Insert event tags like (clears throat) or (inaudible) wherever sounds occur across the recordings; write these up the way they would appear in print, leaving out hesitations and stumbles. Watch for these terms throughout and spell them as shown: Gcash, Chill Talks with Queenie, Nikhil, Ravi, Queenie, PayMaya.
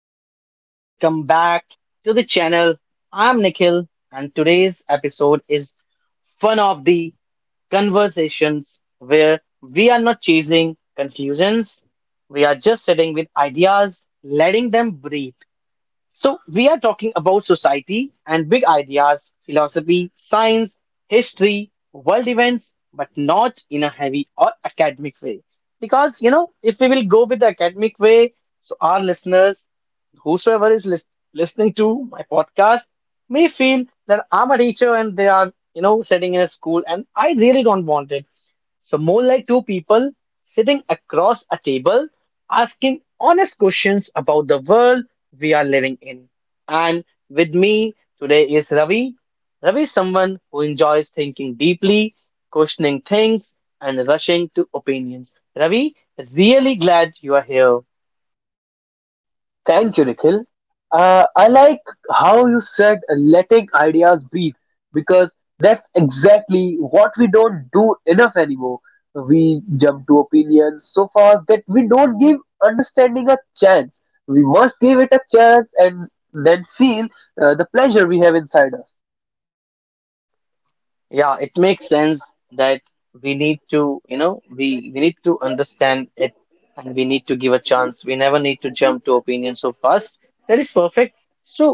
everyone, welcome back to the channel. I'm Nikhil and today's episode is one of the conversations where we are not chasing conclusions. We are just sitting with ideas, letting them breathe. So, we are talking about society and big ideas, philosophy, science, history, world events, but not in a heavy or academic way. Because, if we will go with the academic way, so our listeners, whosoever is listening to my podcast, may feel that I'm a teacher and they are, sitting in a school and I really don't want it. So, more like two people sitting across a table asking honest questions about the world we are living in. And with me today is Ravi. Ravi is someone who enjoys thinking deeply, questioning things, and rushing to opinions. Ravi, really glad you are here. Thank you, Nikhil. I like how you said letting ideas breathe because that's exactly what we don't do enough anymore. We jump to opinions so fast that we don't give understanding a chance. We must give it a chance and then feel the pleasure we have inside us. Yeah, it makes sense that we need to, we need to understand it and we need to give a chance. We never need to jump to opinions so fast. That is perfect. So,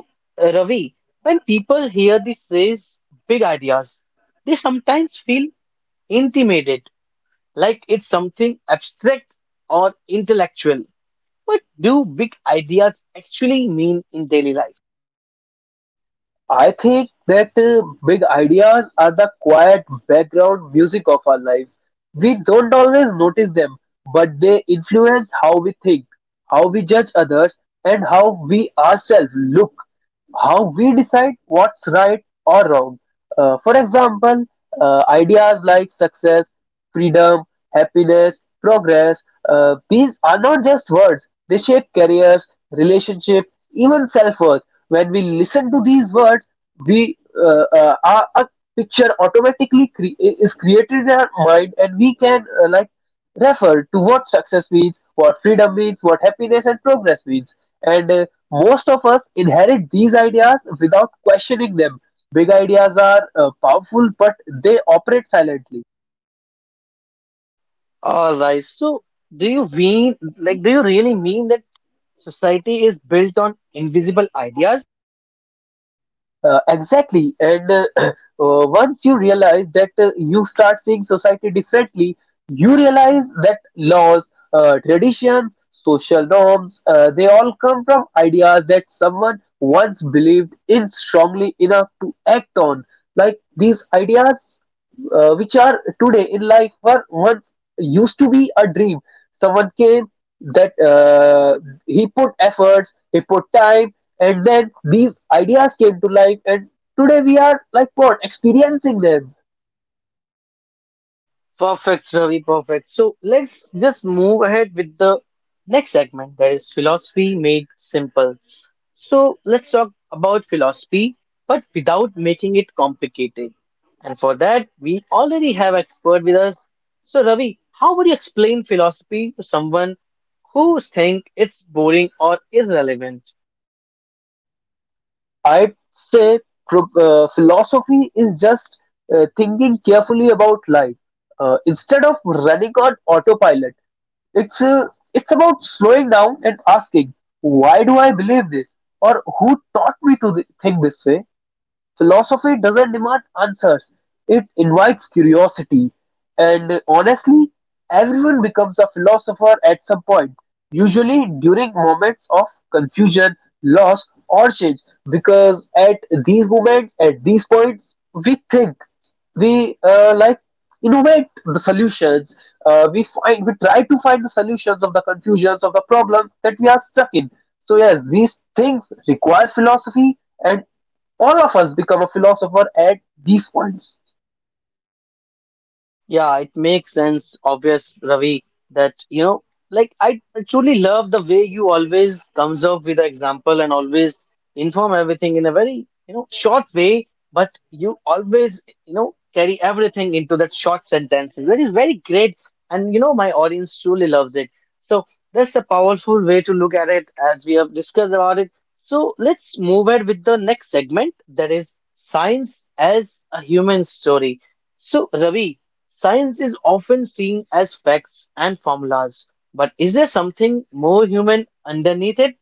Ravi, when people hear the phrase big ideas, they sometimes feel intimidated, like it's something abstract or intellectual. What do big ideas actually mean in daily life? I think that big ideas are the quiet background music of our lives. We don't always notice them, but they influence how we think, how we judge others, and how we ourselves look, how we decide what's right or wrong. For example, ideas like success, freedom, happiness, progress, these are not just words, they shape careers, relationships, even self worth. When we listen to these words we our picture automatically is created in our mind and we can like refer to what success means, what freedom means, what happiness and progress means, and most of us inherit these ideas without questioning them. Big ideas are powerful, but they operate silently. All right, so do you mean, like, do you really mean that? Society is built on invisible ideas. Exactly. And (clears throat) once you realize that, you start seeing society differently. You realize that laws, traditions, social norms, they all come from ideas that someone once believed in strongly enough to act on. Like these ideas, which are today in life, were once used to be a dream. Someone came, that he put efforts, he put time, and then these ideas came to life. And today we are like what experiencing them. Perfect, Ravi, perfect. So let's just move ahead with the next segment that is philosophy made simple. So let's talk about philosophy, but without making it complicated. And for that, we already have expert with us. So Ravi, how would you explain philosophy to someone who think it's boring or irrelevant? I'd say philosophy is just thinking carefully about life instead of running on autopilot. It's uh, it's about slowing down and asking, why do I believe this? Or who taught me to think this way? Philosophy doesn't demand answers, it invites curiosity, and honestly, everyone becomes a philosopher at some point, usually during moments of confusion, loss, or change, because at these moments, at these points, we think, we like innovate the solutions. We find we try to find the solutions of the confusions of the problem that we are stuck in. So yes, these things require philosophy, and all of us become a philosopher at these points. Yeah, it makes sense, obvious, Ravi, that like I truly love the way you always comes up with an example and always inform everything in a very, short way, but you always, carry everything into that short sentences. That is very great, and my audience truly loves it. So that's a powerful way to look at it as we have discussed about it. So let's move ahead with the next segment, that is science as a human story. So, Ravi. Science is often seen as facts and formulas, but is there something more human underneath it?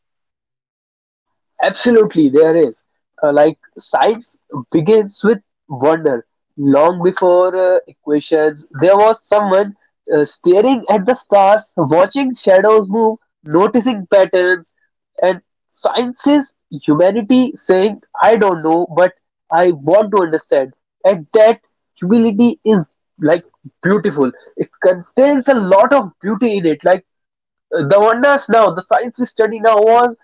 Absolutely, there is. Like science begins with wonder. Long before equations, there was someone staring at the stars, watching shadows move, noticing patterns, and science is humanity saying, I don't know, but I want to understand. And that humility is like beautiful. It contains a lot of beauty in it. Like the wonders now, the science we study now was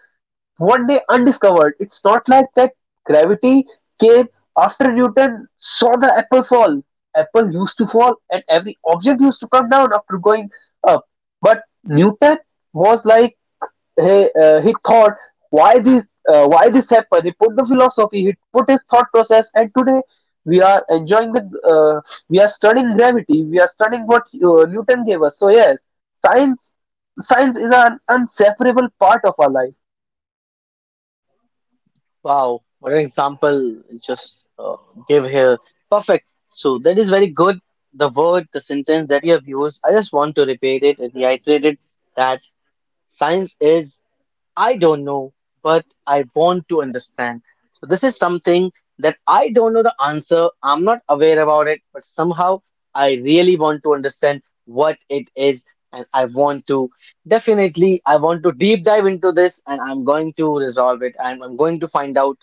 one day undiscovered. It's not like that gravity came after Newton saw the apple fall. Apple used to fall and every object used to come down after going up. But Newton was like he thought why this why this happened. He put the philosophy, he put his thought process, and today we are enjoying the uh, we are studying gravity, we are studying what Newton gave us. So yes, science science is an inseparable part of our life. Wow, what an example you just give here. Perfect. So that is very good. The word, the sentence that you have used, I just want to repeat it and reiterate it that science is, I don't know, but I want to understand. So this is something that I don't know the answer. I'm not aware about it, but somehow I really want to understand what it is. And I want to definitely, I want to deep dive into this and I'm going to resolve it and I'm going to find out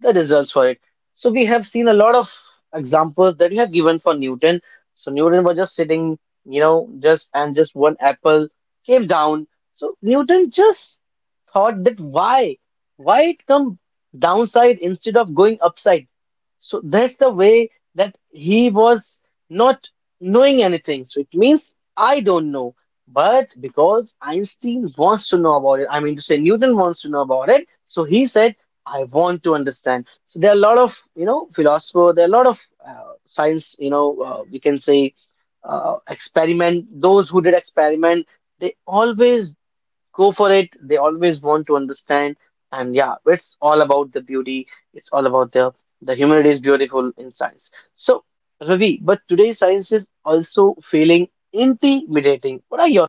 the results for it. So we have seen a lot of examples that you have given for Newton. So Newton was just sitting, just and just one apple came down, so Newton just thought that why? Why it come downside instead of going upside? So that's the way that he was not knowing anything. So it means I don't know. But because Einstein wants to know about it, I mean to say Newton wants to know about it, so he said, I want to understand. So there are a lot of, philosopher, there are a lot of science, we can say experiment, those who did experiment, they always go for it. They always want to understand, and yeah, it's all about the beauty. It's all about the humanity is beautiful in science. So, Ravi, but today science is also feeling intimidating. What are your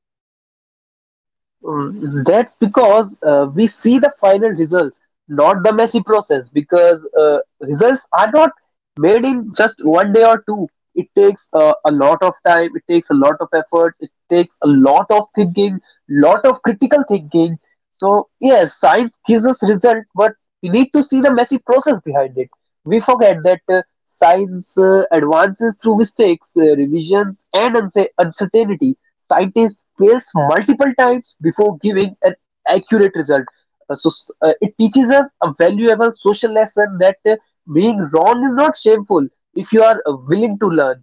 Mm, that's because we see the final results, not the messy process, because results are not made in just one day or two. It takes a lot of time, it takes a lot of effort, it takes a lot of thinking, lot of critical thinking. So, yes, science gives us result, but we need to see the messy process behind it. We forget that science advances through mistakes, revisions, and uncertainty. Scientists fails multiple times before giving an accurate result. It teaches us a valuable social lesson that being wrong is not shameful if you are willing to learn.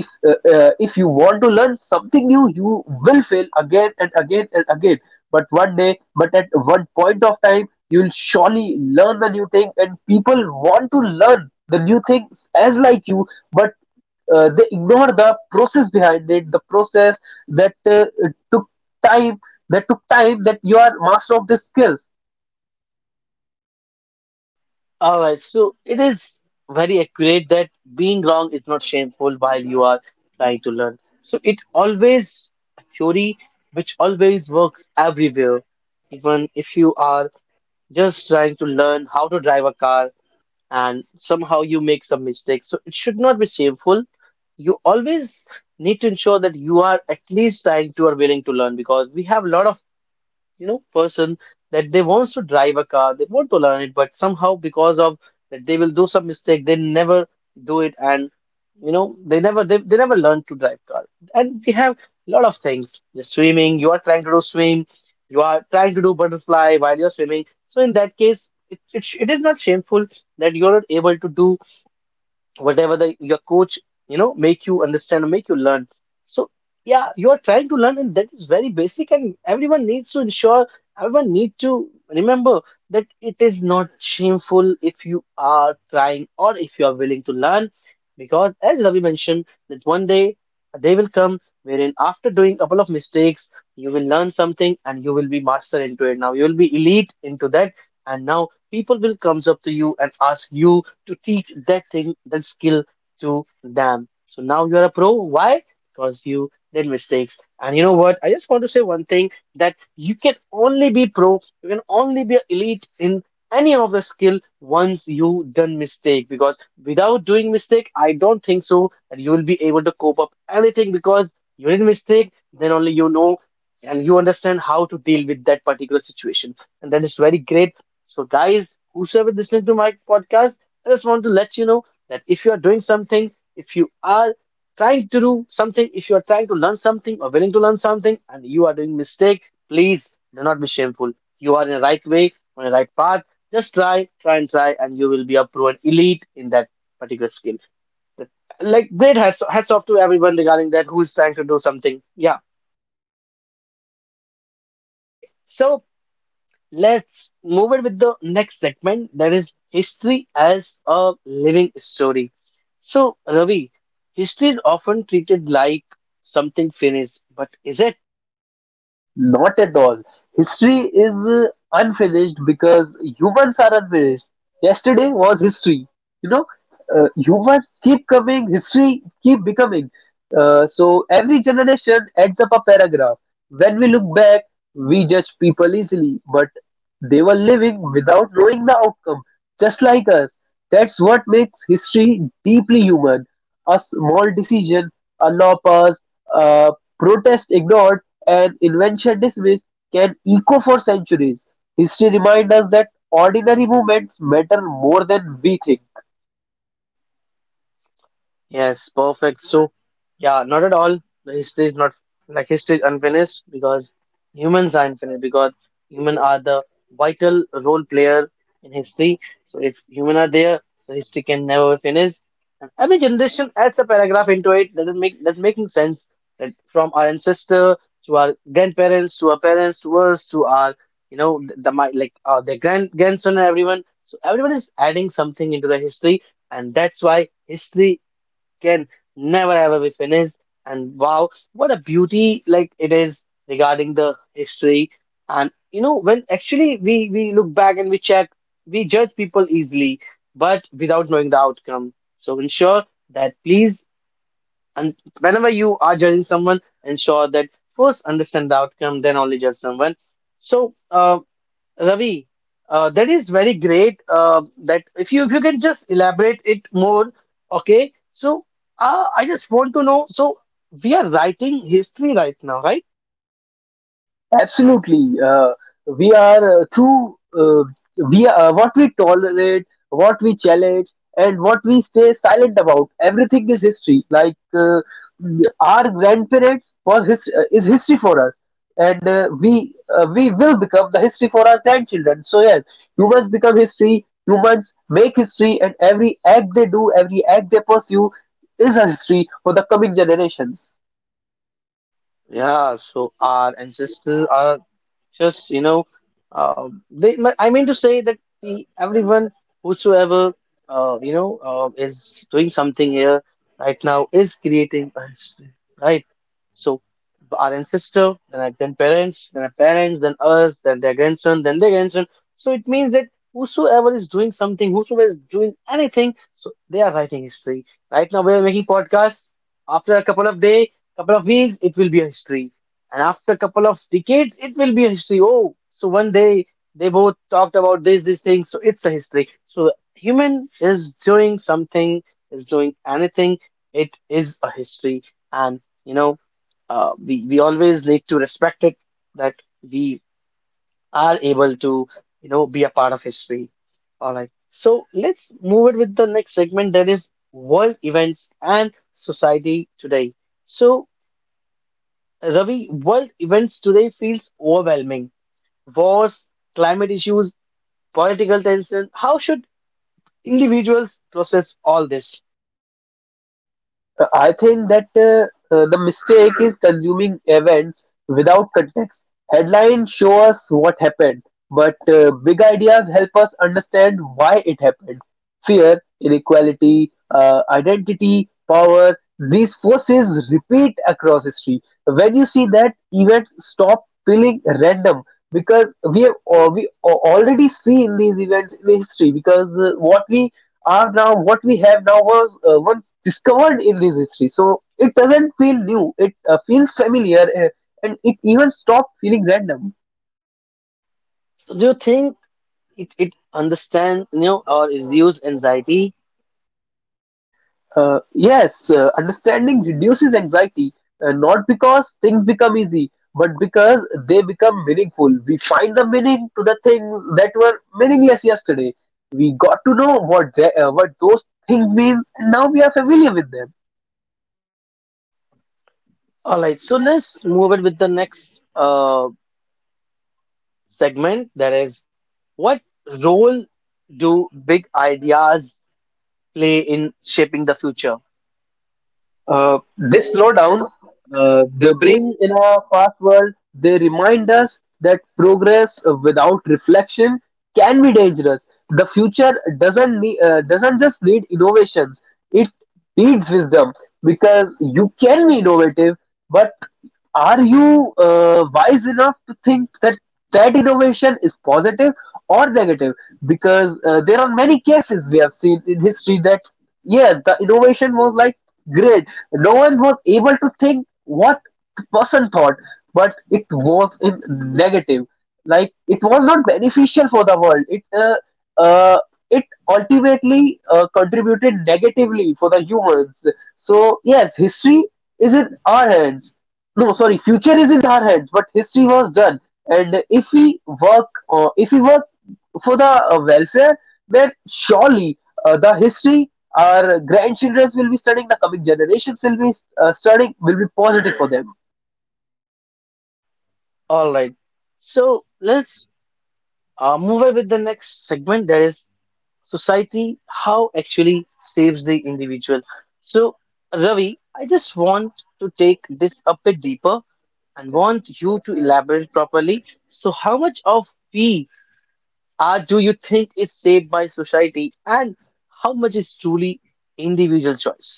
If you want to learn something new, you will fail again and again and again, but one day, but at one point of time you will surely learn the new thing, and people want to learn the new things as like you, but they ignore the process behind it, the process that took time, that took time, that you are master of the skills. all right? So it is very accurate that being wrong is not shameful while you are trying to learn. So it always a theory which always works everywhere, even if you are just trying to learn how to drive a car and somehow you make some mistakes. So it should not be shameful. You always need to ensure that you are at least trying to or willing to learn because we have a lot of, person that they wants to drive a car, they want to learn it but somehow because of that they will do some mistake, they never do it and they never learn to drive car. And we have a lot of things, the swimming you are trying to do swim, you are trying to do butterfly while you're swimming. So in that case, it is not shameful that you're not able to do whatever the your coach make you understand or make you learn. So yeah, you are trying to learn and that is very basic and everyone needs to ensure, everyone need to remember that it is not shameful if you are trying or if you are willing to learn. Because as Ravi mentioned, that one day a day will come wherein after doing a couple of mistakes, you will learn something and you will be master into it, now you will be elite into that. And now people will comes up to you and ask you to teach that thing, that skill to them. So now you are a pro. Why? Because you did mistakes. And you know what? I just want to say one thing that you can only be pro, you can only be elite in any of the skill once you done mistake. Because without doing mistake, I don't think so that you will be able to cope up anything, because you did mistake, then only you know and you understand how to deal with that particular situation. And that is very great. So, guys, whosoever listening to my podcast, I just want to let you know that if you are doing something, if you are trying to do something, if you are trying to learn something or willing to learn something and you are doing mistake, please do not be shameful. You are in the right way, on the right path. Just try, try and try, and you will be a proven elite in that particular skill. Like great hats, hats off to everyone regarding that who is trying to do something. Yeah. Okay. So let's move it with the next segment that is history as a living story. So, Ravi, history is often treated like something finished, but is it? Not at all. History is unfinished because humans are unfinished. Yesterday was history, you know. Humans keep coming, history keep becoming. So every generation adds up a paragraph. When we look back, we judge people easily, but they were living without knowing the outcome, just like us. That's what makes history deeply human. A small decision, a law passed, a protest ignored, an invention dismissed can echo for centuries. History reminds us that ordinary moments matter more than we think. Yes, perfect. So, yeah, not at all. The history is not like, history is unfinished because humans are infinite, because human are the vital role player in history. So if human are there, so history can never be finished. And every generation adds a paragraph into it. That is make that making sense that from our ancestor to our grandparents to our parents to us to our, you know the my like their grand grandson and everyone. So everyone is adding something into the history, and that's why history can never ever be finished. And wow, what a beauty like it is regarding the history. And you know, when actually we look back and we check, we judge people easily, but without knowing the outcome. So ensure that, please, and whenever you are judging someone, ensure that first understand the outcome, then only judge someone. So Ravi, that is very great. That if you can just elaborate it more, okay? So I just want to know. So we are writing history right now, right? Absolutely. We are through we What we tolerate, what we challenge, and what we stay silent about. Everything is history. Our grandparents is history for us, and we will become the history for our grandchildren. So yes, humans become history. Humans make history, and every act they do, every act they pursue, is a history for the coming generations. Yeah. So our ancestors are just, you know, they, but I mean to say that the, everyone, whosoever, is doing something here right now is creating a history, right? So our ancestor, then our grandparents, then our parents, then us, then their grandson, then their grandson. So it means that whosoever is doing something, whosoever is doing anything, so they are writing history. Right now, we are making podcasts. After a couple of days, couple of weeks, it will be a history, and after a couple of decades, it will be a history. Oh, so one day they both talked about this, this thing, so it's a history. So human is doing something, is doing anything, it is a history. And you know, we always need to respect it that we are able to, be a part of history. All right. So let's move it with the next segment that is world events and society today. So Ravi, world events today feels overwhelming. Wars, climate issues, political tension. How should individuals process all this? I think that the mistake is consuming events without context. Headlines show us what happened, but big ideas help us understand why it happened. Fear, inequality, identity, power, these forces repeat across history. When you see that, events stop feeling random because we have already seen these events in history, because what we are now, what we have now was once discovered in this history. So it doesn't feel new. It feels familiar, and it even stopped feeling random. So do you think it, it understand, you know, or is used anxiety? Yes, understanding reduces anxiety, not because things become easy, but because they become meaningful. We find the meaning to the things that were meaningless yesterday. We got to know what the, what those things means, and now we are familiar with them. All right, so let's move it with the next segment. That is, what role do big ideas play in shaping the future? Uh, they This slow down, slowdown, they the brain. bring in a fast world, they remind us that progress without reflection can be dangerous. The future doesn't just need innovations, it needs wisdom, because you can be innovative, but are you wise enough to think that that innovation is positive or negative? Because there are many cases we have seen in history that, yeah, the innovation was like great. No one was able to think what the person thought, but it was in negative. Like it was not beneficial for the world. Uh, it ultimately contributed negatively for the humans. So yes, history is in our hands, no, sorry, future is in our heads, but history was done, and if we work for the welfare, then surely the history our grandchildren will be studying, the coming generations will be studying, will be positive for them. All right. So let's move on with the next segment, that is society, how actually saves the individual. So, Ravi, I just want to take this a bit deeper and want you to elaborate properly. So, how much of we are do you think is saved by society, and how much is truly individual choice?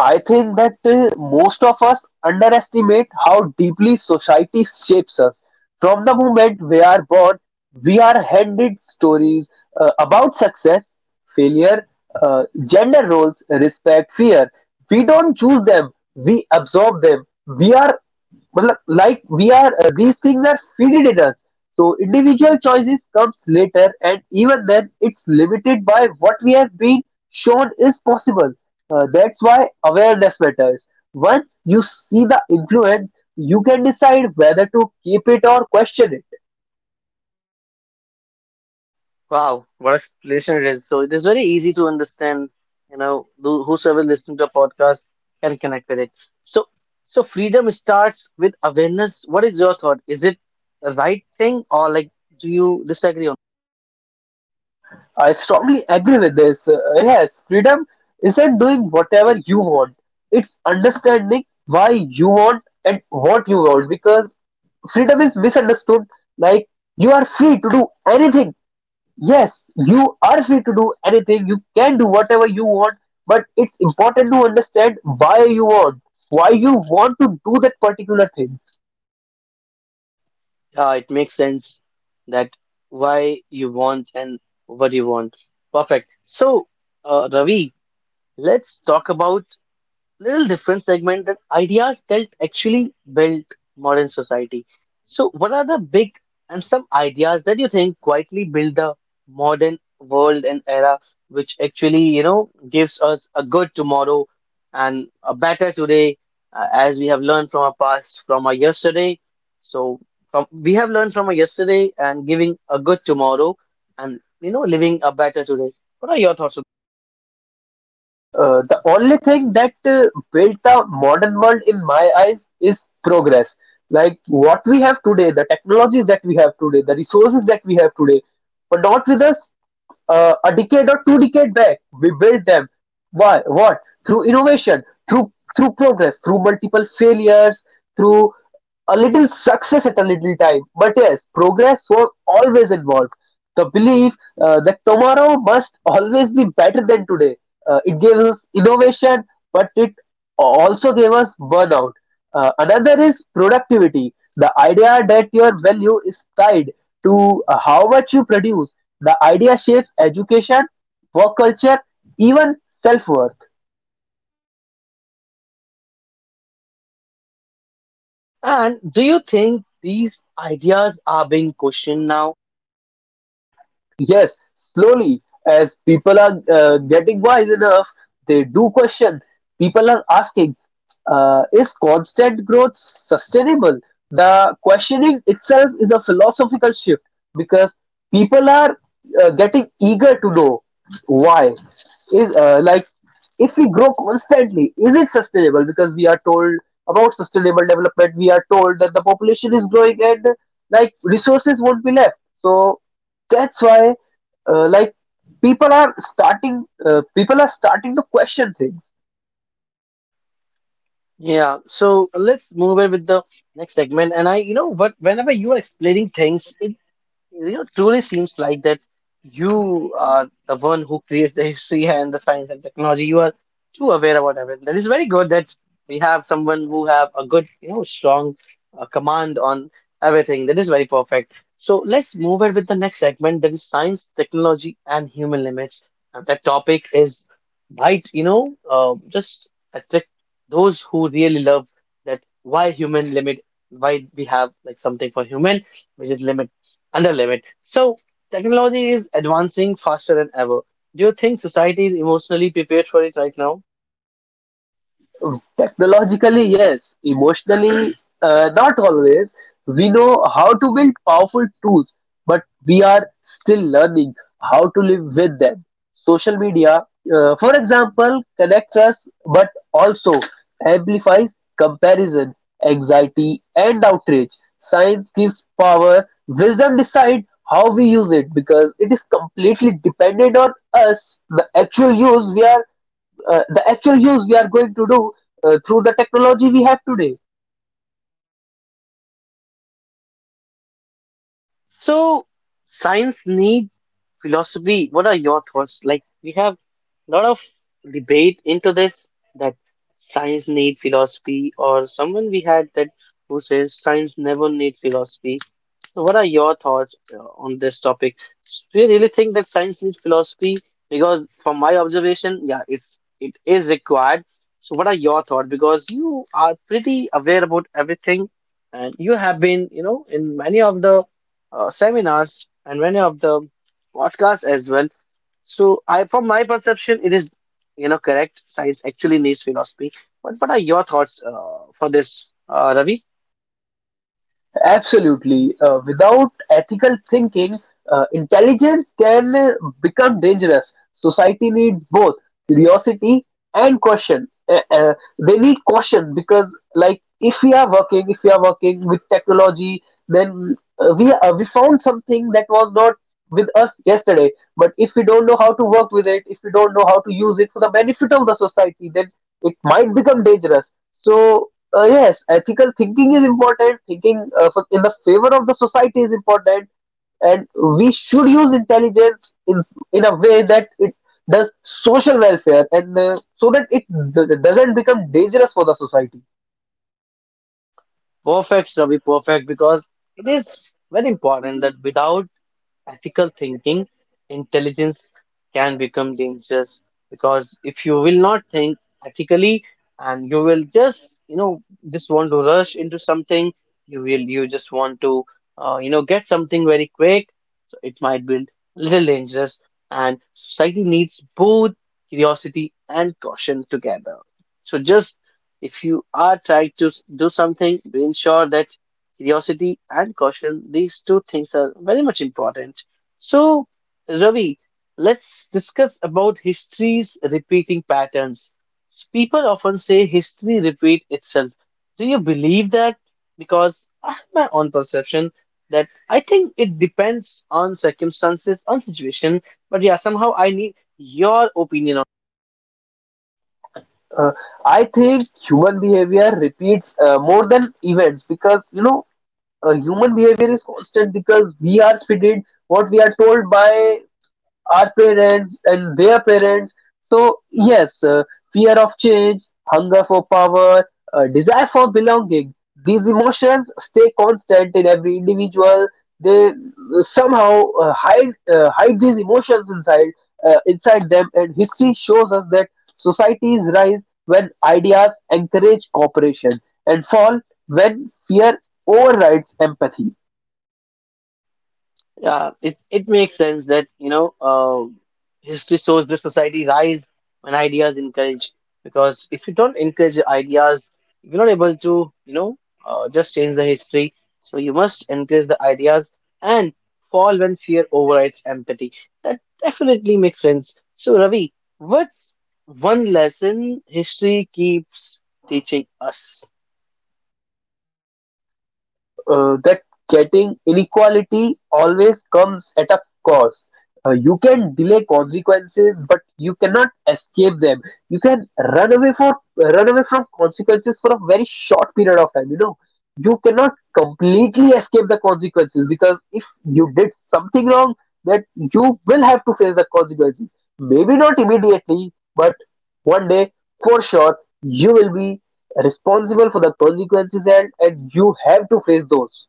I think that most of us underestimate how deeply society shapes us. From the moment we are born, we are handed stories about success, failure, gender roles, respect, fear. We don't choose them, we absorb them. We are but like we are, These things are fitted in us. So individual choices comes later, and even then, it's limited by what we have been shown is possible. That's why awareness matters. Once you see the influence, you can decide whether to keep it or question it. Wow, what a explanation it is. So it is very easy to understand, you know, whosoever listens to a podcast can connect with it. So, so freedom starts with awareness. What is your thought? Is it the right thing, or like do you disagree on? I strongly agree with this. Yes, freedom isn't doing whatever you want. It's understanding why you want and what you want, because freedom is misunderstood. Like you are free to do anything. Yes, you are free to do anything. You can do whatever you want, but it's important to understand why you want to do that particular thing. Yeah, it makes sense that why you want and what you want. Perfect. So, Ravi, let's talk about little different segment, that ideas that actually built modern society. So, what are the big and some ideas that you think quietly build the modern world and era, which actually, you know, gives us a good tomorrow and a better today, as we have learned from our past, from our yesterday. So, from, we have learned from our yesterday and giving a good tomorrow and, you know, living a better today. What are your thoughts? The only thing that built the modern world in my eyes is progress. Like what we have today, the technologies that we have today, the resources that we have today, were not with us a decade or two decade back. We built them. Why? What? Through innovation, through progress, through multiple failures, through a little success at a little time. But yes, progress was always involved. The belief that tomorrow must always be better than today. It gave us innovation, but it also gave us burnout. Another is productivity. The idea that your value is tied to how much you produce. The idea shapes education, work culture, even self worth. And do you think these ideas are being questioned now? Yes, slowly, as people are getting wise enough, they do question. People are asking, is constant growth sustainable? The questioning itself is a philosophical shift, because people are getting eager to know why. Is like if we grow constantly, is it sustainable? Because we are told about sustainable development, we are told that the population is growing and like resources won't be left. So that's why like people are starting to question things. Yeah, so let's move on with the next segment. And I, you know, what whenever you are explaining things, you know, truly seems like that you are the one who creates the history (laughs) and the science and technology. You are too aware about everything. That is very good that we have someone who have a good, you know, strong command on everything. That is very perfect. So let's move on with the next segment. That is science, technology, and human limits. And that topic is right, you know, just attract those who really love that, why human limit, why we have like something for human which is limit? Under limit. So technology is advancing faster than ever. Do you think society is emotionally prepared for it right now? Technologically, yes. Emotionally, not always. We know how to build powerful tools, but we are still learning how to live with them. Social media, for example, connects us but also amplifies comparison, anxiety, and outrage. Science gives power, wisdom decides how we use it because it is completely dependent on us, the actual use we are going to do through the technology we have today. So science need philosophy. What are your thoughts? Like we have a lot of debate into this, that science need philosophy, or someone we had that who says science never need philosophy. So what are your thoughts on this topic? Do you really think that science needs philosophy? Because from my observation, yeah, it is required. So what are your thoughts? Because you are pretty aware about everything, and you have been, you know, in many of the seminars and many of the podcasts as well. So I, from my perception, it is, you know, correct. Science actually needs philosophy. But what are your thoughts for this, Ravi? Absolutely. Without ethical thinking, intelligence can become dangerous. Society needs both curiosity and caution. They need caution because, like, if we are working with technology, then we found something that was not with us yesterday. But if we don't know how to work with it, if we don't know how to use it for the benefit of the society, then it might become dangerous. So yes, ethical thinking is important. Thinking in the favor of the society is important, and we should use intelligence in a way that it does social welfare, and so that it doesn't become dangerous for the society. Perfect, Ravi, perfect, because it is very important that without ethical thinking, intelligence can become dangerous, because if you will not think ethically, and you will just, you know, just want to rush into something, you will, you just want to, you know, get something very quick. So it might be little dangerous, and society needs both curiosity and caution together. So just if you are trying to do something, be sure that curiosity and caution, these two things are very much important. So, Ravi, let's discuss about history's repeating patterns. People often say history repeat itself. Do you believe that? Because I have my own perception that I think it depends on circumstances, on situation. But yeah, somehow I need your opinion. Uh, I think human behavior repeats more than events because, you know, human behavior is constant because we are fitted what we are told by our parents and their parents. So, yes, fear of change, hunger for power, desire for belonging, these emotions stay constant in every individual. They somehow hide these emotions inside, inside them, and history shows us that societies rise when ideas encourage cooperation and fall when fear overrides empathy. Yeah, it makes sense that you know history shows the society rise when ideas encourage. Because if you don't encourage your ideas, you're not able to you know just change the history. So you must encourage the ideas, and fall when fear overrides empathy. That definitely makes sense. So Ravi, what's one lesson history keeps teaching us? That getting inequality always comes at a cost. You can delay consequences, but you cannot escape them. You can run away from consequences for a very short period of time. You know, you cannot completely escape the consequences because if you did something wrong, that you will have to face the consequences. Maybe not immediately, but one day for sure you will be responsible for the consequences, and you have to face those.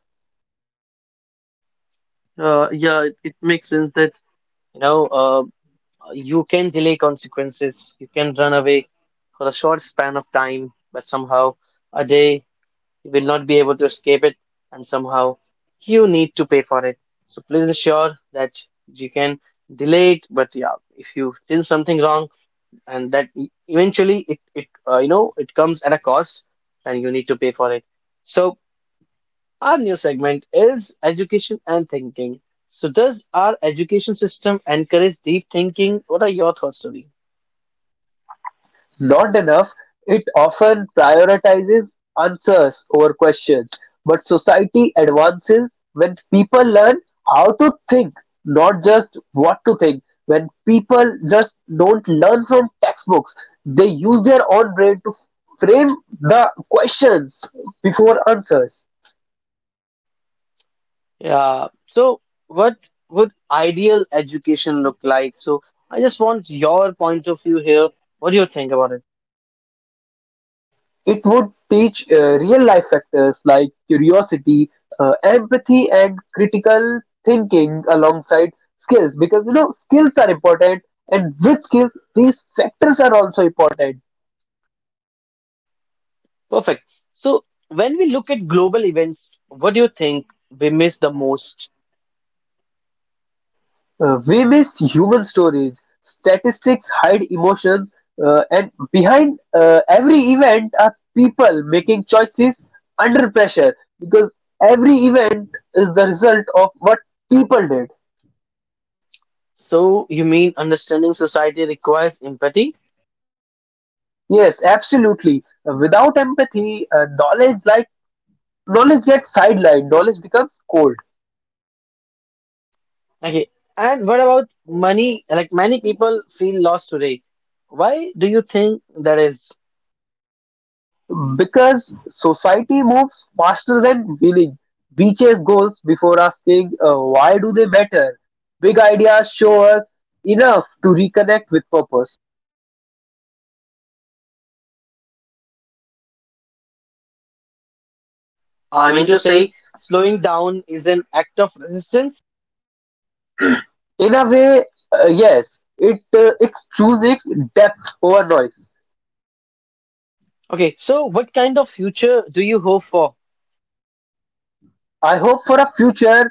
Yeah, it makes sense that you know. You can delay consequences. You can run away for a short span of time, but somehow a day you will not be able to escape it, and somehow you need to pay for it. So please ensure that you can delay it. But yeah, if you did something wrong, and that eventually it you know it comes at a cost, and you need to pay for it. So our new segment is education and thinking. So does our education system encourage deep thinking? What are your thoughts, Ravi? Not enough, it often prioritizes answers over questions. But society advances when people learn how to think, not just what to think. When people just don't learn from textbooks, they use their own brain to frame the questions before answers. Yeah. So, what would ideal education look like? So, I just want your point of view here. What do you think about it? It would teach real life factors like curiosity, empathy, and critical thinking alongside skills, because you know skills are important, and with skills, these factors are also important. Perfect. So, when we look at global events, what do you think we miss the most? We miss human stories, statistics hide emotions, and behind every event are people making choices under pressure, because every event is the result of what people did. So, you mean understanding society requires empathy? Yes, absolutely. Without empathy, knowledge gets sidelined. Knowledge becomes cold Okay. And what about money? Like, many people feel lost today. Why do you think that is? because society moves faster than willing. We chase goals before asking why do they matter. Big ideas show us enough to reconnect with purpose. I I mean mean to to say, say, slowing down is an act of resistance? in a way, yes, it's choosing depth over noise. Okay, so what kind of future do you hope for? I hope for a future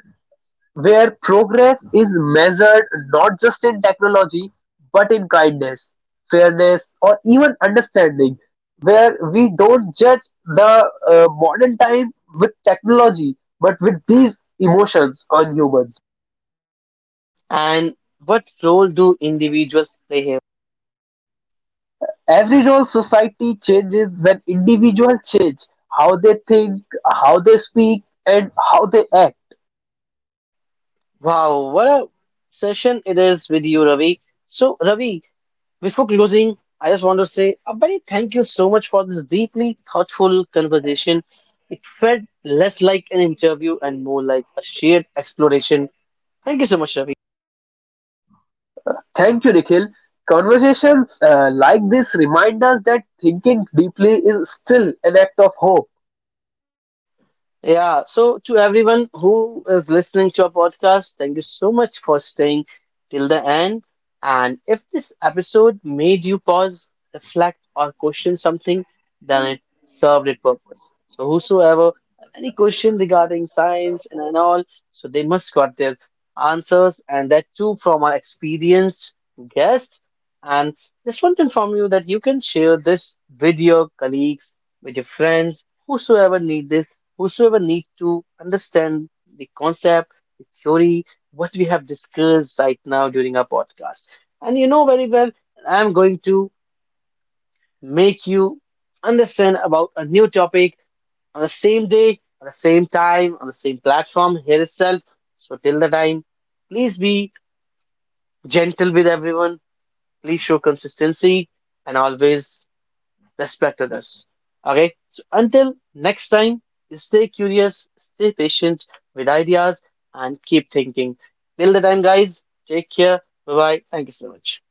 where progress is measured not just in technology, but in kindness, fairness, or even understanding, where we don't judge the modern time with technology, but with these emotions on humans. And what role do individuals play here? Every role, society changes when individuals change how they think, how they speak, and how they act. Wow, what a session it is with you, Ravi. So, Ravi, before closing, I just want to say a very thank you so much for this deeply thoughtful conversation. It felt less like an interview and more like a shared exploration. Thank you so much, Ravi. Thank you, Nikhil. Conversations like this remind us that thinking deeply is still an act of hope. Yeah, so to everyone who is listening to our podcast, thank you so much for staying till the end. And if this episode made you pause, reflect, or question something, then it served its purpose. So whosoever have any question regarding science and all, so they must got their answers, and that too from our experienced guest. And just want to inform you that you can share this with your colleagues, with your friends, whosoever need this, whosoever need to understand the concept, the theory, what we have discussed right now during our podcast. And you know very well, I'm going to make you understand about a new topic on the same day, on the same time, on the same platform here itself. So till the time, please be gentle with everyone. Please show consistency and always respect others. Okay, so until next time, stay curious, stay patient with ideas, and keep thinking. Till the time, guys, take care. Bye bye. Thank you so much.